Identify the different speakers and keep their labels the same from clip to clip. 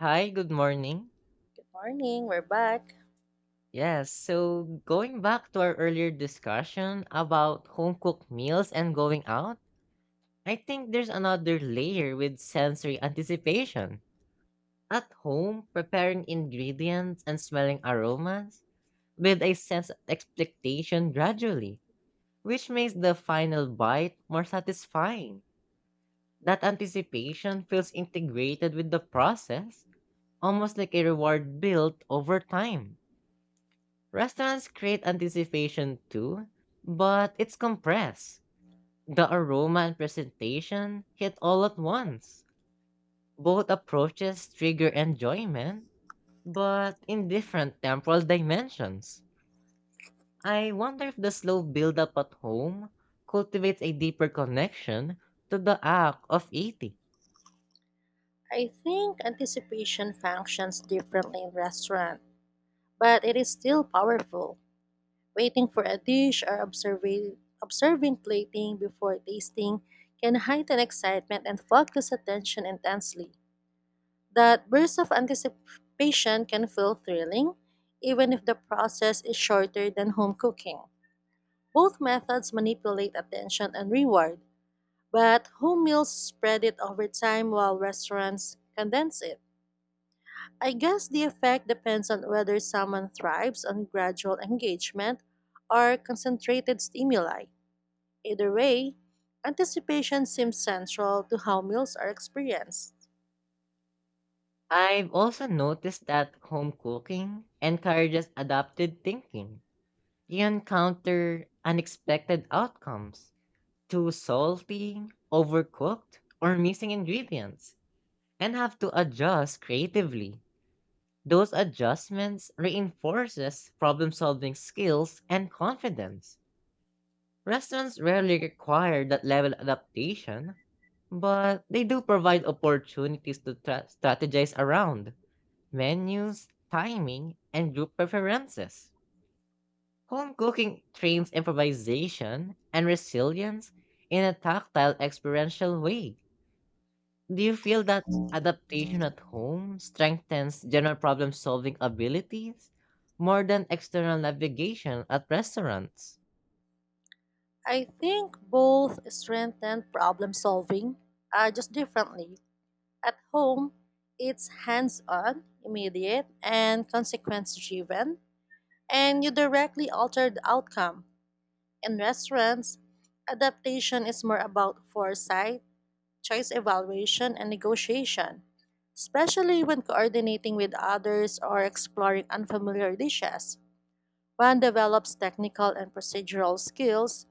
Speaker 1: Hi, good morning.
Speaker 2: Good morning, we're back.
Speaker 1: Yes, so going back to our earlier discussion about home cooked meals and going out, I think there's another layer with sensory anticipation. At home, preparing ingredients and smelling aromas with a sense of expectation gradually, which makes the final bite more satisfying. That anticipation feels integrated with the process, almost like a reward built over time. Restaurants create anticipation too, but it's compressed. The aroma and presentation hit all at once. Both approaches trigger enjoyment, but in different temporal dimensions. I wonder if the slow build-up at home cultivates a deeper connection to the act of eating.
Speaker 2: I think anticipation functions differently in restaurant, but it is still powerful. Waiting for a dish or observing plating before tasting can heighten excitement and focus attention intensely. That burst of anticipation can feel thrilling, even if the process is shorter than home cooking. Both methods manipulate attention and reward, but home meals spread it over time while restaurants condense it. I guess the effect depends on whether someone thrives on gradual engagement or concentrated stimuli. Either way, anticipation seems central to how meals are experienced.
Speaker 1: I've also noticed that home cooking encourages adapted thinking. You encounter unexpected outcomes too salty, overcooked, or missing ingredients and have to adjust creatively. Those adjustments reinforces problem-solving skills and confidence. Restaurants rarely require that level adaptation, but they do provide opportunities to strategize around menus, timing, and group preferences. Home cooking trains improvisation and resilience in a tactile, experiential way. Do you feel that adaptation at home strengthens general problem solving abilities more than external navigation at restaurants?
Speaker 2: I think both strengthen problem solving, just differently. At home, it's hands on, immediate, and consequence driven, and you directly alter the outcome. In restaurants, adaptation is more about foresight, choice evaluation, and negotiation, especially when coordinating with others or exploring unfamiliar dishes. One develops technical and procedural skills,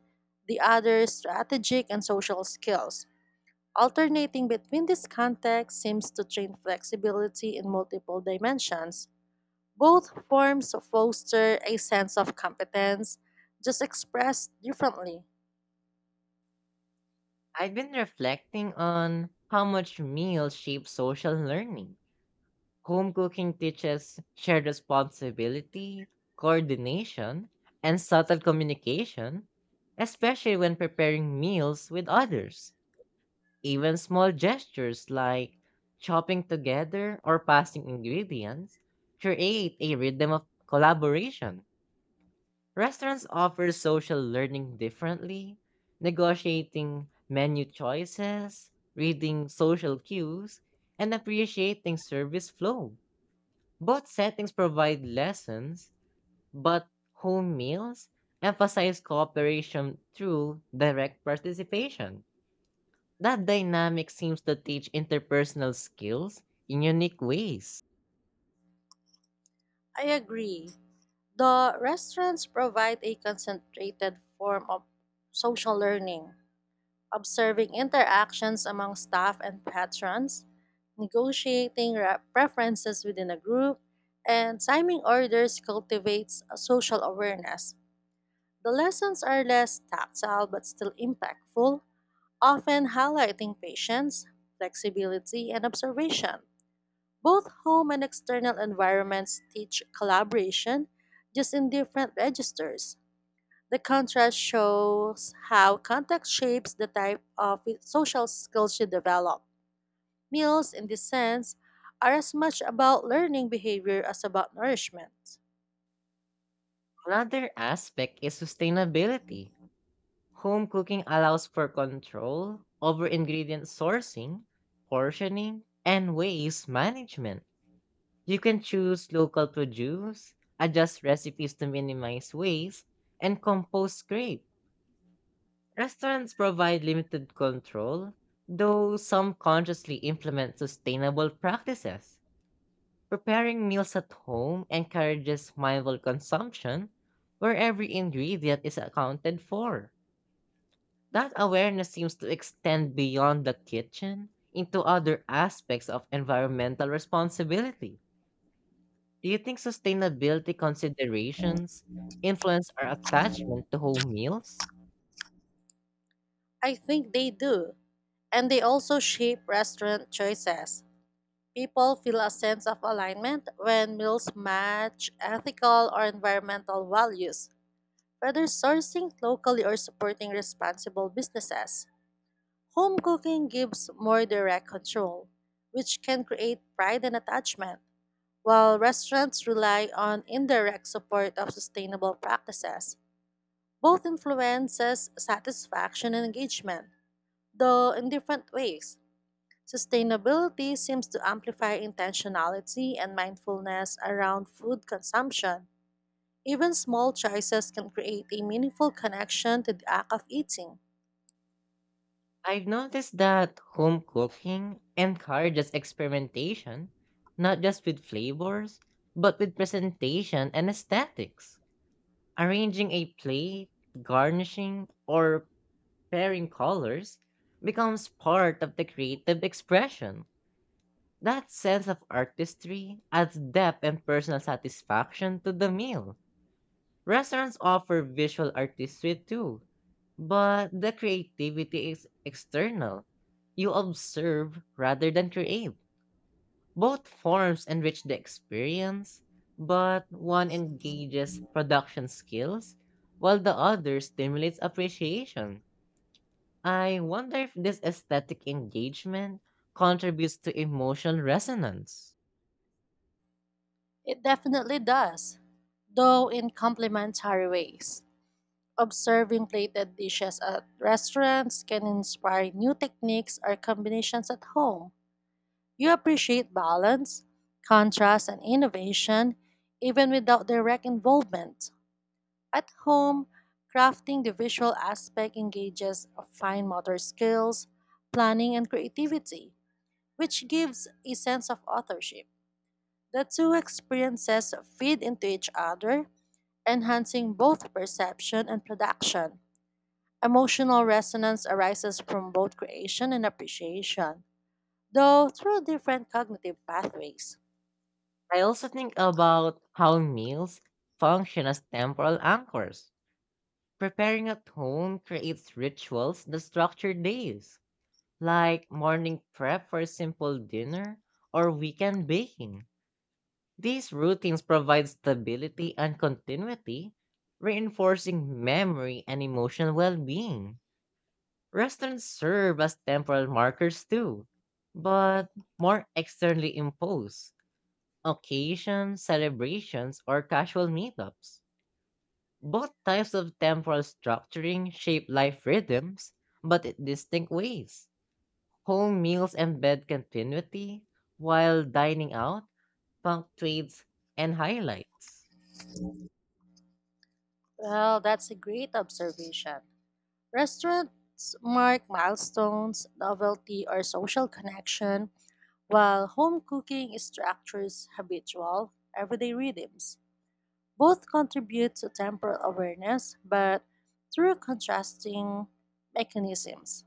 Speaker 2: the other strategic and social skills. Alternating between these contexts seems to train flexibility in multiple dimensions. Both forms foster a sense of competence, just expressed differently.
Speaker 1: I've been reflecting on how much meals shape social learning. Home cooking teaches shared responsibility, coordination, and subtle communication, especially when preparing meals with others. Even small gestures like chopping together or passing ingredients create a rhythm of collaboration. Restaurants offer social learning differently, negotiating menu choices, reading social cues, and appreciating service flow. Both settings provide lessons, but home meals emphasize cooperation through direct participation. That dynamic seems to teach interpersonal skills in unique ways.
Speaker 2: I agree. The restaurants provide a concentrated form of social learning, observing interactions among staff and patrons, preferences within a group, and timing orders cultivates a social awareness. The lessons are less tactile but still impactful, often highlighting patience, flexibility, and observation. Both home and external environments teach collaboration, just in different registers. The contrast shows how contact shapes the type of social skills you develop. Meals, in this sense, are as much about learning behavior as about nourishment.
Speaker 1: Another aspect is sustainability. Home cooking allows for control over ingredient sourcing, portioning, and waste management. You can choose local produce, adjust recipes to minimize waste, and compost scrape. Restaurants provide limited control, though some consciously implement sustainable practices. Preparing meals at home encourages mindful consumption where every ingredient is accounted for. That awareness seems to extend beyond the kitchen into other aspects of environmental responsibility. Do you think sustainability considerations influence our attachment to home meals?
Speaker 2: I think they do, and they also shape restaurant choices. People feel a sense of alignment when meals match ethical or environmental values. Whether sourcing locally or supporting responsible businesses, home cooking gives more direct control, which can create pride and attachment, while restaurants rely on indirect support of sustainable practices. Both influences satisfaction and engagement, though in different ways. Sustainability seems to amplify intentionality and mindfulness around food consumption, even small choices can create a meaningful connection to the act of eating.
Speaker 1: I've noticed that home cooking encourages experimentation, not just with flavors, but with presentation and aesthetics. Arranging a plate, garnishing, or pairing colors becomes part of the creative expression. That sense of artistry adds depth and personal satisfaction to the meal. Restaurants offer visual artistry too, but the creativity is external. You observe rather than create. Both forms enrich the experience, but one engages production skills, while the other stimulates appreciation. I wonder if this aesthetic engagement contributes to emotional resonance.
Speaker 2: It definitely does, though in complementary ways. Observing plated dishes at restaurants can inspire new techniques or combinations at home. You appreciate balance, contrast, and innovation even without direct involvement. At home, crafting the visual aspect engages fine motor skills, planning, and creativity which gives a sense of authorship. The two experiences feed into each other, enhancing both perception and production. Emotional resonance arises from both creation and appreciation, though through different cognitive pathways.
Speaker 1: I also think about how meals function as temporal anchors. Preparing at home creates rituals that structure days, like morning prep for a simple dinner or weekend baking. These routines provide stability and continuity, reinforcing memory and emotional well being. Restaurants serve as temporal markers too, but more externally imposed occasions, celebrations, or casual meetups. Both types of temporal structuring shape life rhythms, but in distinct ways. Home meals embed continuity, while dining out punctuates and highlights.
Speaker 2: Well, that's a great observation. Restaurants mark milestones, novelty, or social connection, while home cooking structures habitual, everyday rhythms. Both contribute to temporal awareness, but through contrasting mechanisms.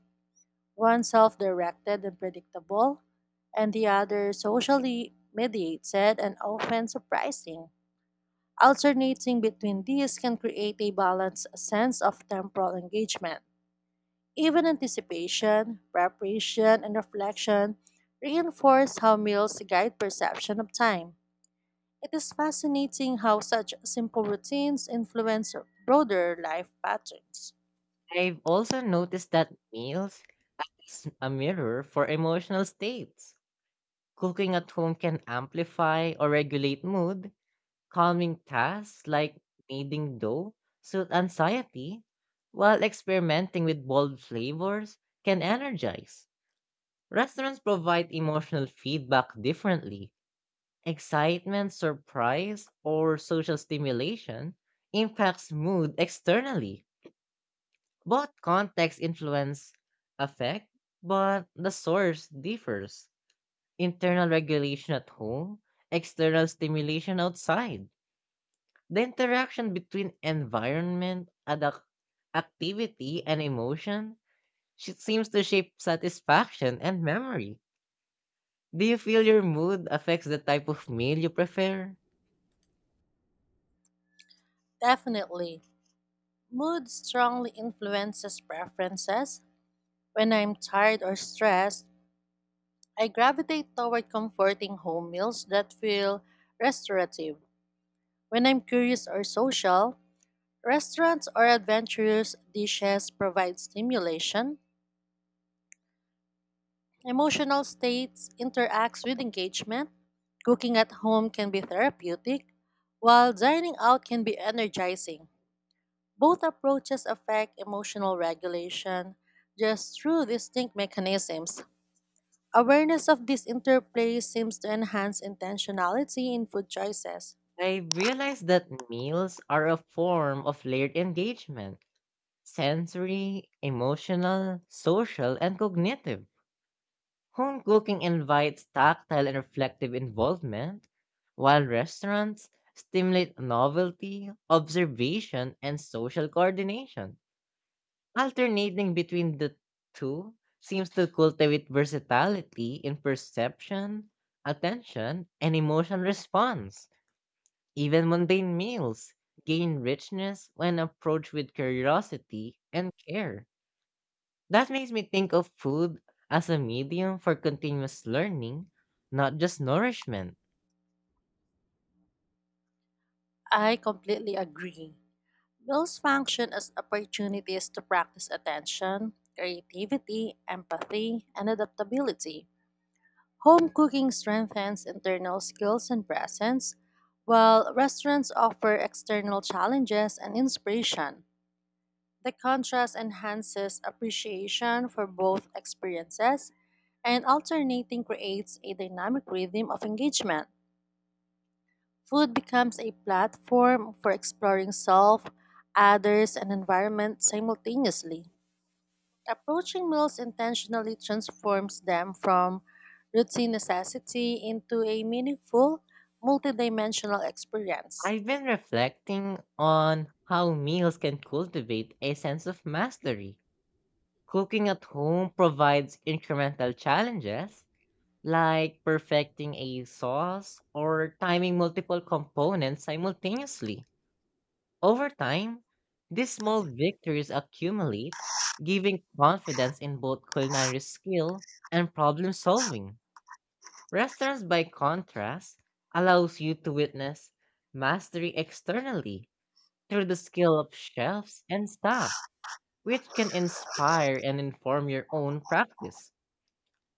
Speaker 2: One self directed and predictable, and the other socially mediated and often surprising. Alternating between these can create a balanced sense of temporal engagement. Even anticipation, preparation, and reflection reinforce how meals guide perception of time. It is fascinating how such simple routines influence broader life patterns.
Speaker 1: I've also noticed that meals is a mirror for emotional states. Cooking at home can amplify or regulate mood, calming tasks like kneading dough suit anxiety, while experimenting with bold flavors can energize. Restaurants provide emotional feedback differently. Excitement, surprise, or social stimulation impacts mood externally. Both context influence affect, but the source differs. Internal regulation at home, external stimulation outside. The interaction between environment, activity, and emotion seems to shape satisfaction and memory. Do you feel your mood affects the type of meal you prefer?
Speaker 2: Definitely, mood strongly influences preferences. When I'm tired or stressed, I gravitate toward comforting home meals that feel restorative. When I'm curious or social, restaurants or adventurous dishes provide stimulation. Emotional states interacts with engagement. Cooking at home can be therapeutic, while dining out can be energizing. Both approaches affect emotional regulation just through distinct mechanisms. Awareness of this interplay seems to enhance intentionality in food choices.
Speaker 1: I realize that meals are a form of layered engagement sensory, emotional, social, and cognitive. Home cooking invites tactile and reflective involvement, while restaurants stimulate novelty, observation, and social coordination. Alternating between the two seems to cultivate versatility in perception, attention, and emotional response. Even mundane meals gain richness when approached with curiosity and care. That makes me think of food as a medium for continuous learning, not just nourishment.
Speaker 2: I completely agree. Meals function as opportunities to practice attention, creativity, empathy, and adaptability. Home cooking strengthens internal skills and presence, while restaurants offer external challenges and inspiration. The contrast enhances appreciation for both experiences, and alternating creates a dynamic rhythm of engagement. Food becomes a platform for exploring self, others, and environment simultaneously. Approaching meals intentionally transforms them from routine necessity into a meaningful, multidimensional experience.
Speaker 1: I've been reflecting on how meals can cultivate a sense of mastery. Cooking at home provides incremental challenges, like perfecting a sauce or timing multiple components simultaneously. Over time, these small victories accumulate, giving confidence in both culinary skill and problem solving. Restaurants, by contrast, allows you to witness mastery externally through the skill of chefs and staff, which can inspire and inform your own practice.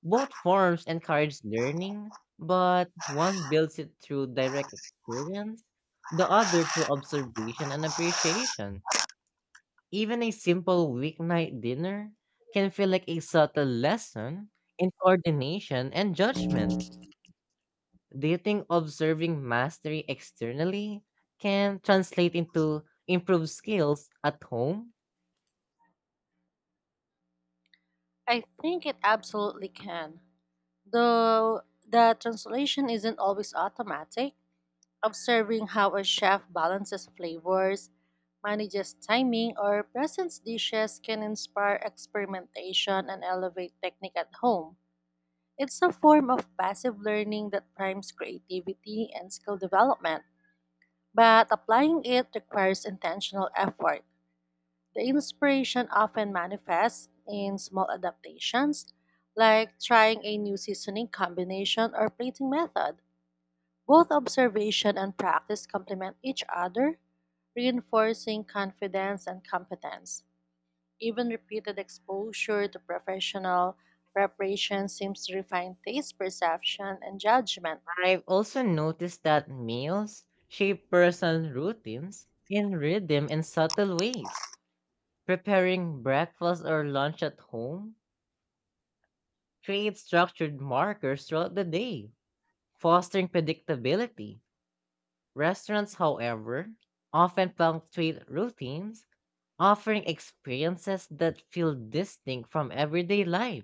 Speaker 1: Both forms encourage learning, but one builds it through direct experience, the other through observation and appreciation. Even a simple weeknight dinner can feel like a subtle lesson in coordination and judgment. Do you think observing mastery externally can translate into improved skills at home?
Speaker 2: I think it absolutely can. Though the translation isn't always automatic, observing how a chef balances flavors, manages timing, or presents dishes can inspire experimentation and elevate technique at home. It's a form of passive learning that primes creativity and skill development, but applying it requires intentional effort. The inspiration often manifests in small adaptations, like trying a new seasoning combination or plating method. Both observation and practice complement each other, reinforcing confidence and competence. Even repeated exposure to professional preparation seems to refine taste perception and judgment.
Speaker 1: I've also noticed that meals shape personal routines in rhythm and subtle ways. Preparing breakfast or lunch at home creates structured markers throughout the day, fostering predictability. Restaurants, however, often punctuate routines, offering experiences that feel distinct from everyday life.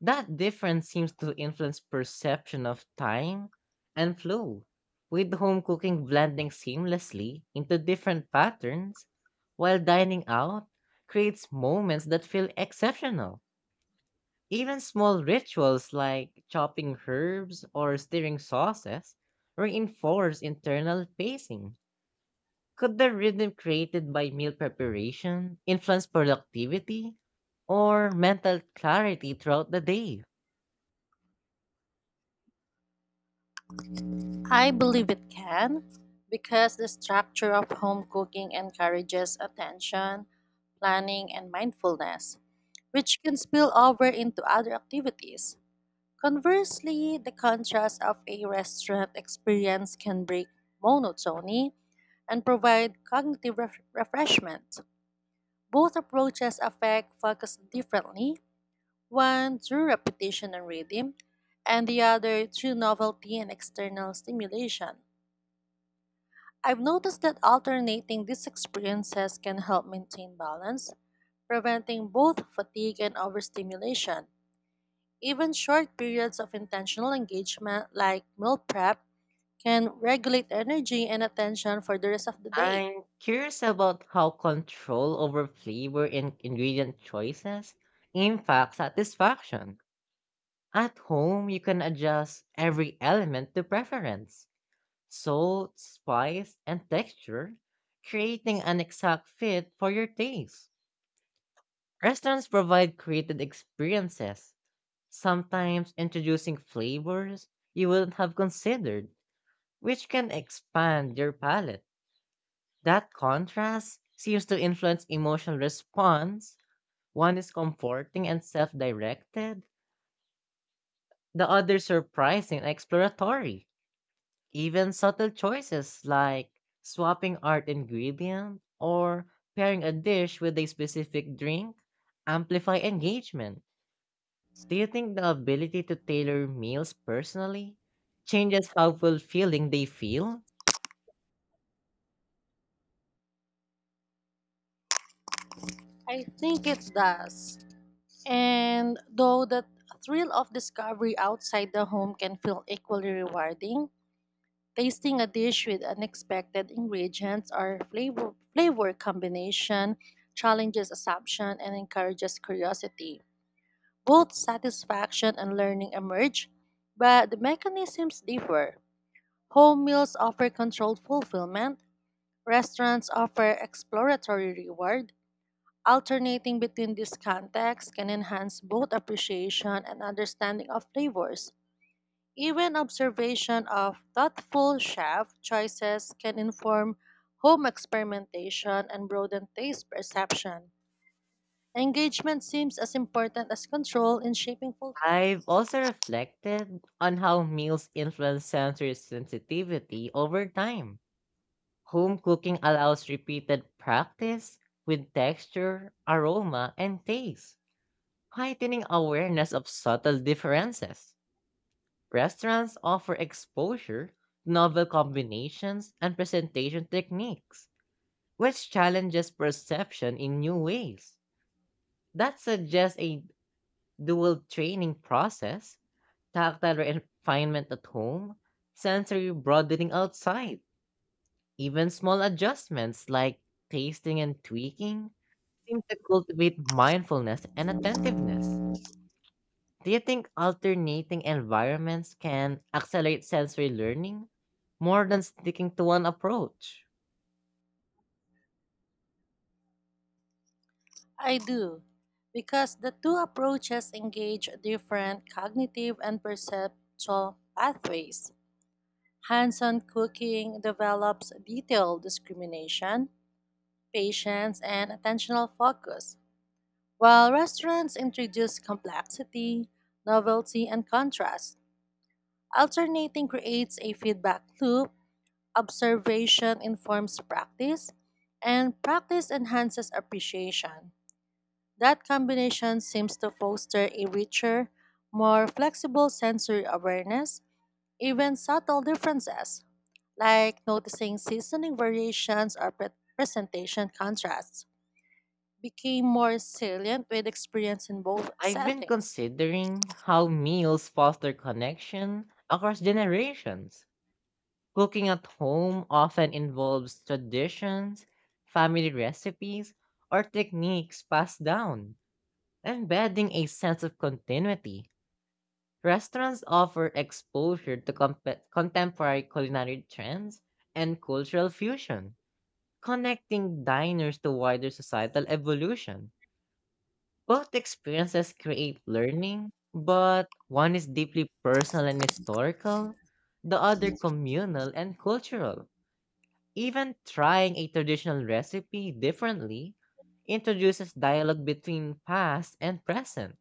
Speaker 1: That difference seems to influence perception of time and flow, with home cooking blending seamlessly into different patterns, while dining out creates moments that feel exceptional. Even small rituals like chopping herbs or stirring sauces reinforce internal pacing. Could the rhythm created by meal preparation influence productivity or mental clarity throughout the day?
Speaker 2: I believe it can because the structure of home cooking encourages attention, planning, and mindfulness, which can spill over into other activities. Conversely, the contrast of a restaurant experience can break monotony and provide refreshment. Both approaches affect focus differently, one through repetition and rhythm, and the other through novelty and external stimulation. I've noticed that alternating these experiences can help maintain balance, preventing both fatigue and overstimulation. Even short periods of intentional engagement, like meal prep, can regulate energy and attention for the rest of the day.
Speaker 1: I'm curious about how control over flavor and ingredient choices impacts satisfaction. At home, you can adjust every element to preference, salt, spice, and texture, creating an exact fit for your taste. Restaurants provide created experiences, sometimes introducing flavors you wouldn't have considered, which can expand your palate. That contrast seems to influence emotional response. One is comforting and self directed, the other surprising and exploratory. Even subtle choices like swapping art ingredient or pairing a dish with a specific drink amplify engagement. Do you think the ability to tailor meals personally changes how fulfilling they feel?
Speaker 2: I think it does. And though the thrill of discovery outside the home can feel equally rewarding, tasting a dish with unexpected ingredients or flavor combination challenges assumption and encourages curiosity. Both satisfaction and learning emerge, but the mechanisms differ. Home meals offer controlled fulfillment, restaurants offer exploratory reward. Alternating between these contexts can enhance both appreciation and understanding of flavors. Even observation of thoughtful chef choices can inform home experimentation and broaden taste perception. Engagement seems as important as control in shaping
Speaker 1: I've
Speaker 2: fulfillment.
Speaker 1: also reflected on how meals influence sensory sensitivity over time. Home cooking allows repeated practice with texture, aroma, and taste, heightening awareness of subtle differences. Restaurants offer exposure, novel combinations, and presentation techniques, which challenges perception in new ways. That suggests a dual training process Tactile refinement at home, sensory broadening outside, even small adjustments like tasting and tweaking seem to cultivate mindfulness and attentiveness. Do you think alternating environments can accelerate sensory learning more than sticking to one approach?
Speaker 2: I do, because the two approaches engage different cognitive and perceptual pathways. Hands on cooking develops detailed discrimination, patience, and attentional focus while restaurants introduce complexity, novelty, and contrast. Alternating creates a feedback loop, observation informs practice, and practice enhances appreciation. That combination seems to foster a richer, more flexible sensory awareness, even subtle differences, like noticing seasoning variations or presentation contrasts, became more salient with experience in both
Speaker 1: I've been
Speaker 2: settings.
Speaker 1: considering how meals foster connection across generations Cooking at home often involves traditions, family recipes, or techniques passed down, embedding a sense of continuity. Restaurants offer exposure to contemporary culinary trends and cultural fusion, connecting diners to wider societal evolution. Both experiences create learning, but one is deeply personal and historical, the other communal and cultural Even trying a traditional recipe differently introduces dialogue between past and present.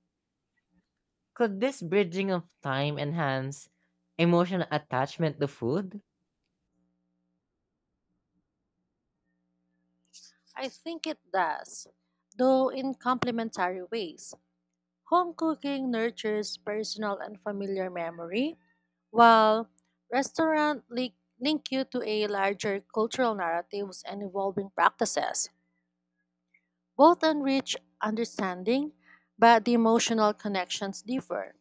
Speaker 1: Could this bridging of time enhance emotional attachment to food?
Speaker 2: I think it does, though in complementary ways. Home cooking nurtures personal and familiar memory, while restaurant link you to a larger cultural narratives and evolving practices. Both enrich understanding, but the emotional connections differ,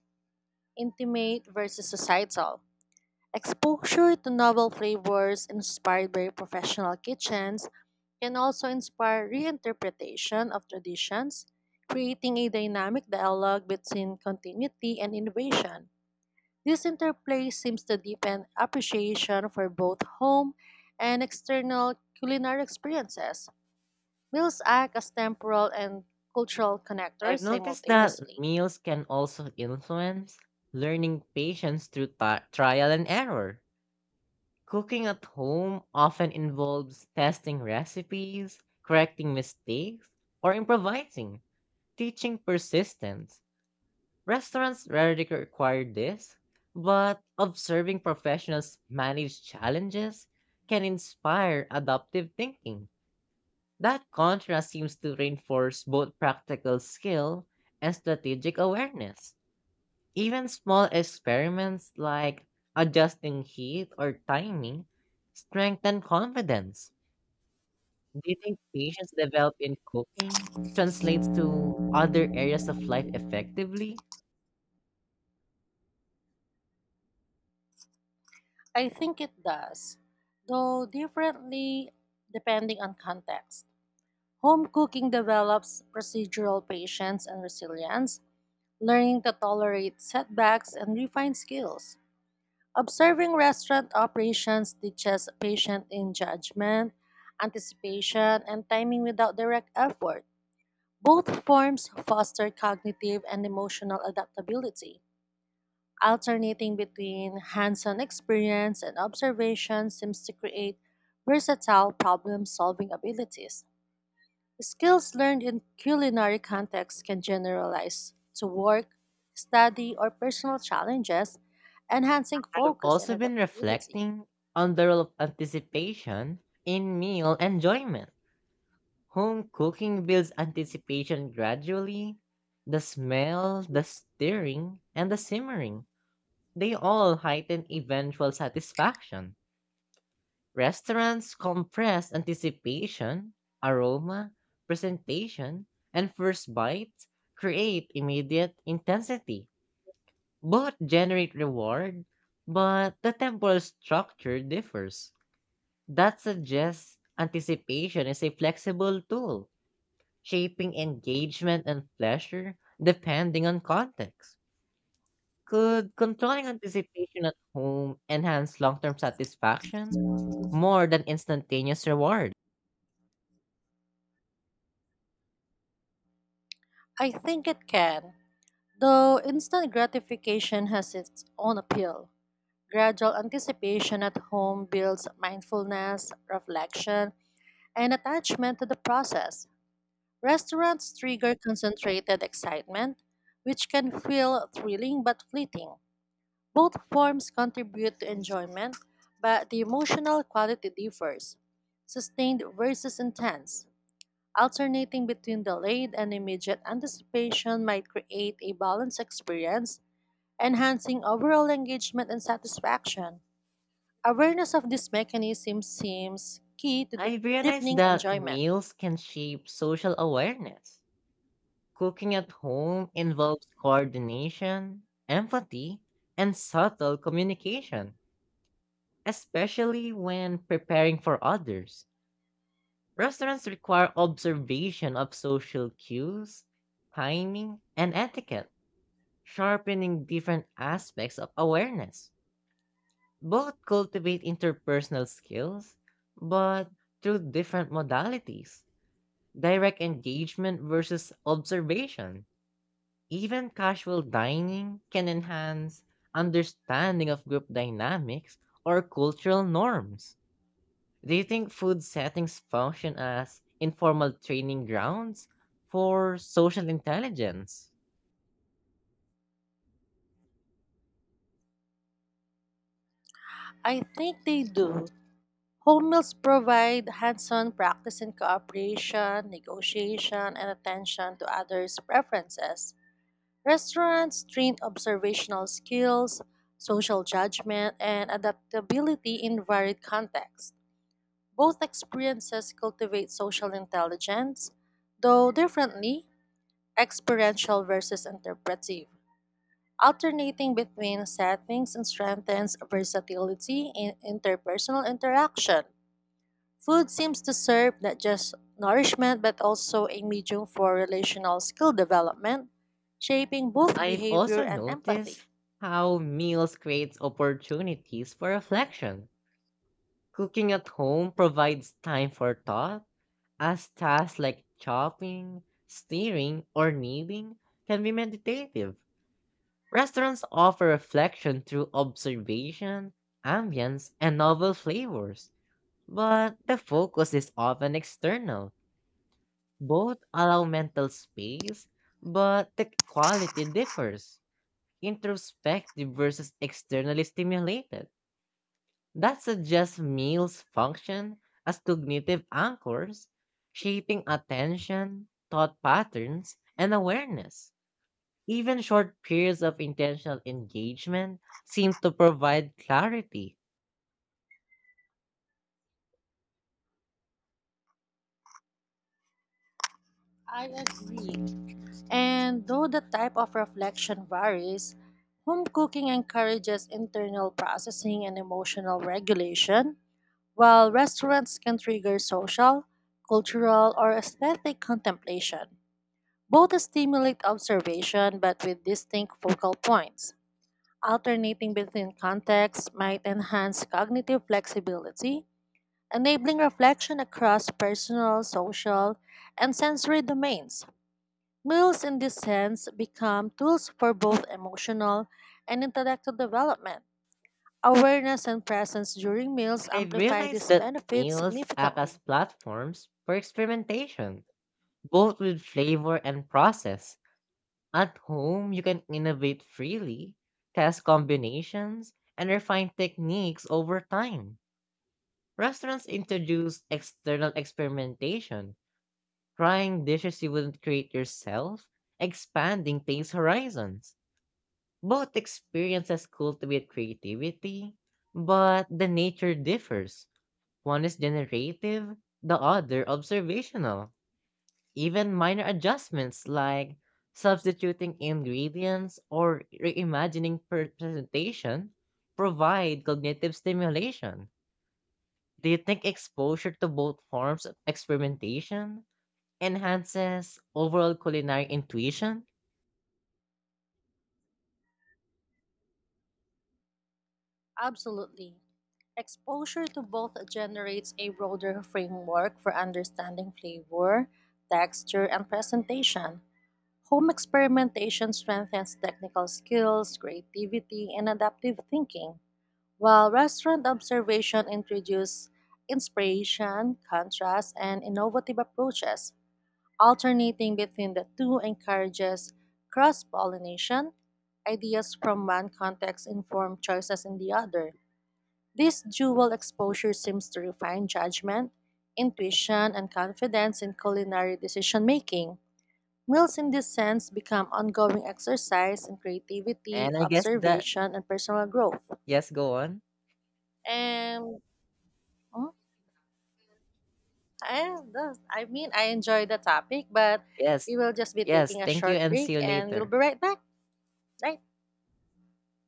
Speaker 2: intimate versus societal. Exposure to novel flavors inspired by professional kitchens can also inspire reinterpretation of traditions, creating a dynamic dialogue between continuity and innovation. This interplay seems to deepen appreciation for both home and external culinary experiences. Meals act as temporal and cultural connectors
Speaker 1: I've noticed that
Speaker 2: simultaneously.
Speaker 1: meals can also influence learning patience through trial and error. Cooking at home often involves testing recipes, correcting mistakes, or improvising, teaching persistence. Restaurants rarely require this, but observing professionals manage challenges can inspire adaptive thinking. That contrast seems to reinforce both practical skill and strategic awareness. Even small experiments like adjusting heat or timing strengthen confidence. Do you think patience developed in cooking translates to other areas of life effectively?
Speaker 2: I think it does, though differently depending on context. Home cooking develops procedural patience and resilience, learning to tolerate setbacks and refine skills. Observing restaurant operations teaches patience in judgment, anticipation, and timing without direct effort. Both forms foster cognitive and emotional adaptability. Alternating between hands on experience and observation seems to create versatile problem solving abilities. Skills learned in culinary contexts can generalize to work, study, or personal challenges, enhancing
Speaker 1: I've
Speaker 2: focus and
Speaker 1: also been
Speaker 2: adaptability.
Speaker 1: reflecting on the role of anticipation in meal enjoyment. Home cooking builds anticipation gradually. The smell, the stirring, and the simmering, they all heighten eventual satisfaction. Restaurants compress anticipation, aroma, presentation, and first bites create immediate intensity. Both generate reward, but the temporal structure differs. That suggests anticipation is a flexible tool, shaping engagement and pleasure depending on context. Could controlling anticipation at home enhance long term satisfaction more than instantaneous reward?
Speaker 2: I think it can, though instant gratification has its own appeal. Gradual anticipation at home builds mindfulness, reflection, and attachment to the process. Restaurants trigger concentrated excitement, which can feel thrilling but fleeting. Both forms contribute to enjoyment, but the emotional quality differs. Sustained versus intense. Alternating between delayed and immediate anticipation might create a balanced experience, enhancing overall engagement and satisfaction. Awareness of this mechanism seems key to
Speaker 1: I realized
Speaker 2: deepening
Speaker 1: that
Speaker 2: enjoyment.
Speaker 1: meals can shape social awareness. Cooking at home involves coordination, empathy, and subtle communication, especially when preparing for others. Restaurants require observation of social cues, timing, and etiquette, sharpening different aspects of awareness. Both cultivate interpersonal skills, but through different modalities direct engagement versus observation. Even casual dining can enhance understanding of group dynamics or cultural norms. Do you think food settings function as informal training grounds for social intelligence?
Speaker 2: I think they do. Home meals provide hands on practice in cooperation, negotiation, and attention to others' preferences. Restaurants train observational skills, social judgment, and adaptability in varied contexts. Both experiences cultivate social intelligence, though differently, experiential versus interpretive. Alternating between settings and strengthens versatility in interpersonal interaction. Food seems to serve not just nourishment but also a medium for relational skill development, shaping both
Speaker 1: I've
Speaker 2: behavior
Speaker 1: also
Speaker 2: and empathy.
Speaker 1: noticed how meals creates opportunities for reflection. Cooking at home provides time for thought, as tasks like chopping, stirring, or kneading can be meditative. Restaurants offer reflection through observation, ambience, and novel flavors, but the focus is often external. Both allow mental space, but the quality differs. Introspective versus externally stimulated. That suggests meals function as cognitive anchors, shaping attention, thought patterns, and awareness. Even short periods of intentional engagement seem to provide clarity.
Speaker 2: I agree. And though the type of reflection varies, home cooking encourages internal processing and emotional regulation, while restaurants can trigger social, cultural, or aesthetic contemplation. Both stimulate observation but with distinct focal points. Alternating between contexts might enhance cognitive flexibility, enabling reflection across personal, social, and sensory domains. Meals, in this sense, become tools for both emotional and intellectual development. Awareness and presence during meals
Speaker 1: I
Speaker 2: amplify
Speaker 1: realized
Speaker 2: these
Speaker 1: that
Speaker 2: benefits
Speaker 1: meals act as
Speaker 2: significantly.
Speaker 1: platforms for experimentation, both with flavor and process At home, you can innovate freely, test combinations, and refine techniques over time. Restaurants introduce external experimentation, trying dishes you wouldn't create yourself, expanding taste horizons. Both experiences cultivate creativity, but the nature differs. One is generative, the other observational. Even minor adjustments like substituting ingredients or reimagining presentation provide cognitive stimulation. Do you think exposure to both forms of experimentation enhances overall culinary intuition?
Speaker 2: Absolutely. Exposure to both generates a broader framework for understanding flavor, texture, and presentation. Home experimentation strengthens technical skills, creativity, and adaptive thinking. While restaurant observation introduced inspiration, contrast, and innovative approaches, alternating between the two encourages cross pollination. Ideas from one context inform choices in the other. This dual exposure seems to refine judgment, intuition, and confidence in culinary decision making. Meals, in this sense, become ongoing exercise in creativity,
Speaker 1: And I guess that,
Speaker 2: observation, and personal growth.
Speaker 1: yes, go on.
Speaker 2: And mhm. And thus, I mean, I enjoy the topic, but
Speaker 1: Yes,
Speaker 2: we will just be
Speaker 1: yes,
Speaker 2: taking a
Speaker 1: thank you
Speaker 2: short
Speaker 1: and see
Speaker 2: break
Speaker 1: you
Speaker 2: and we'll
Speaker 1: later.
Speaker 2: be right back. Right?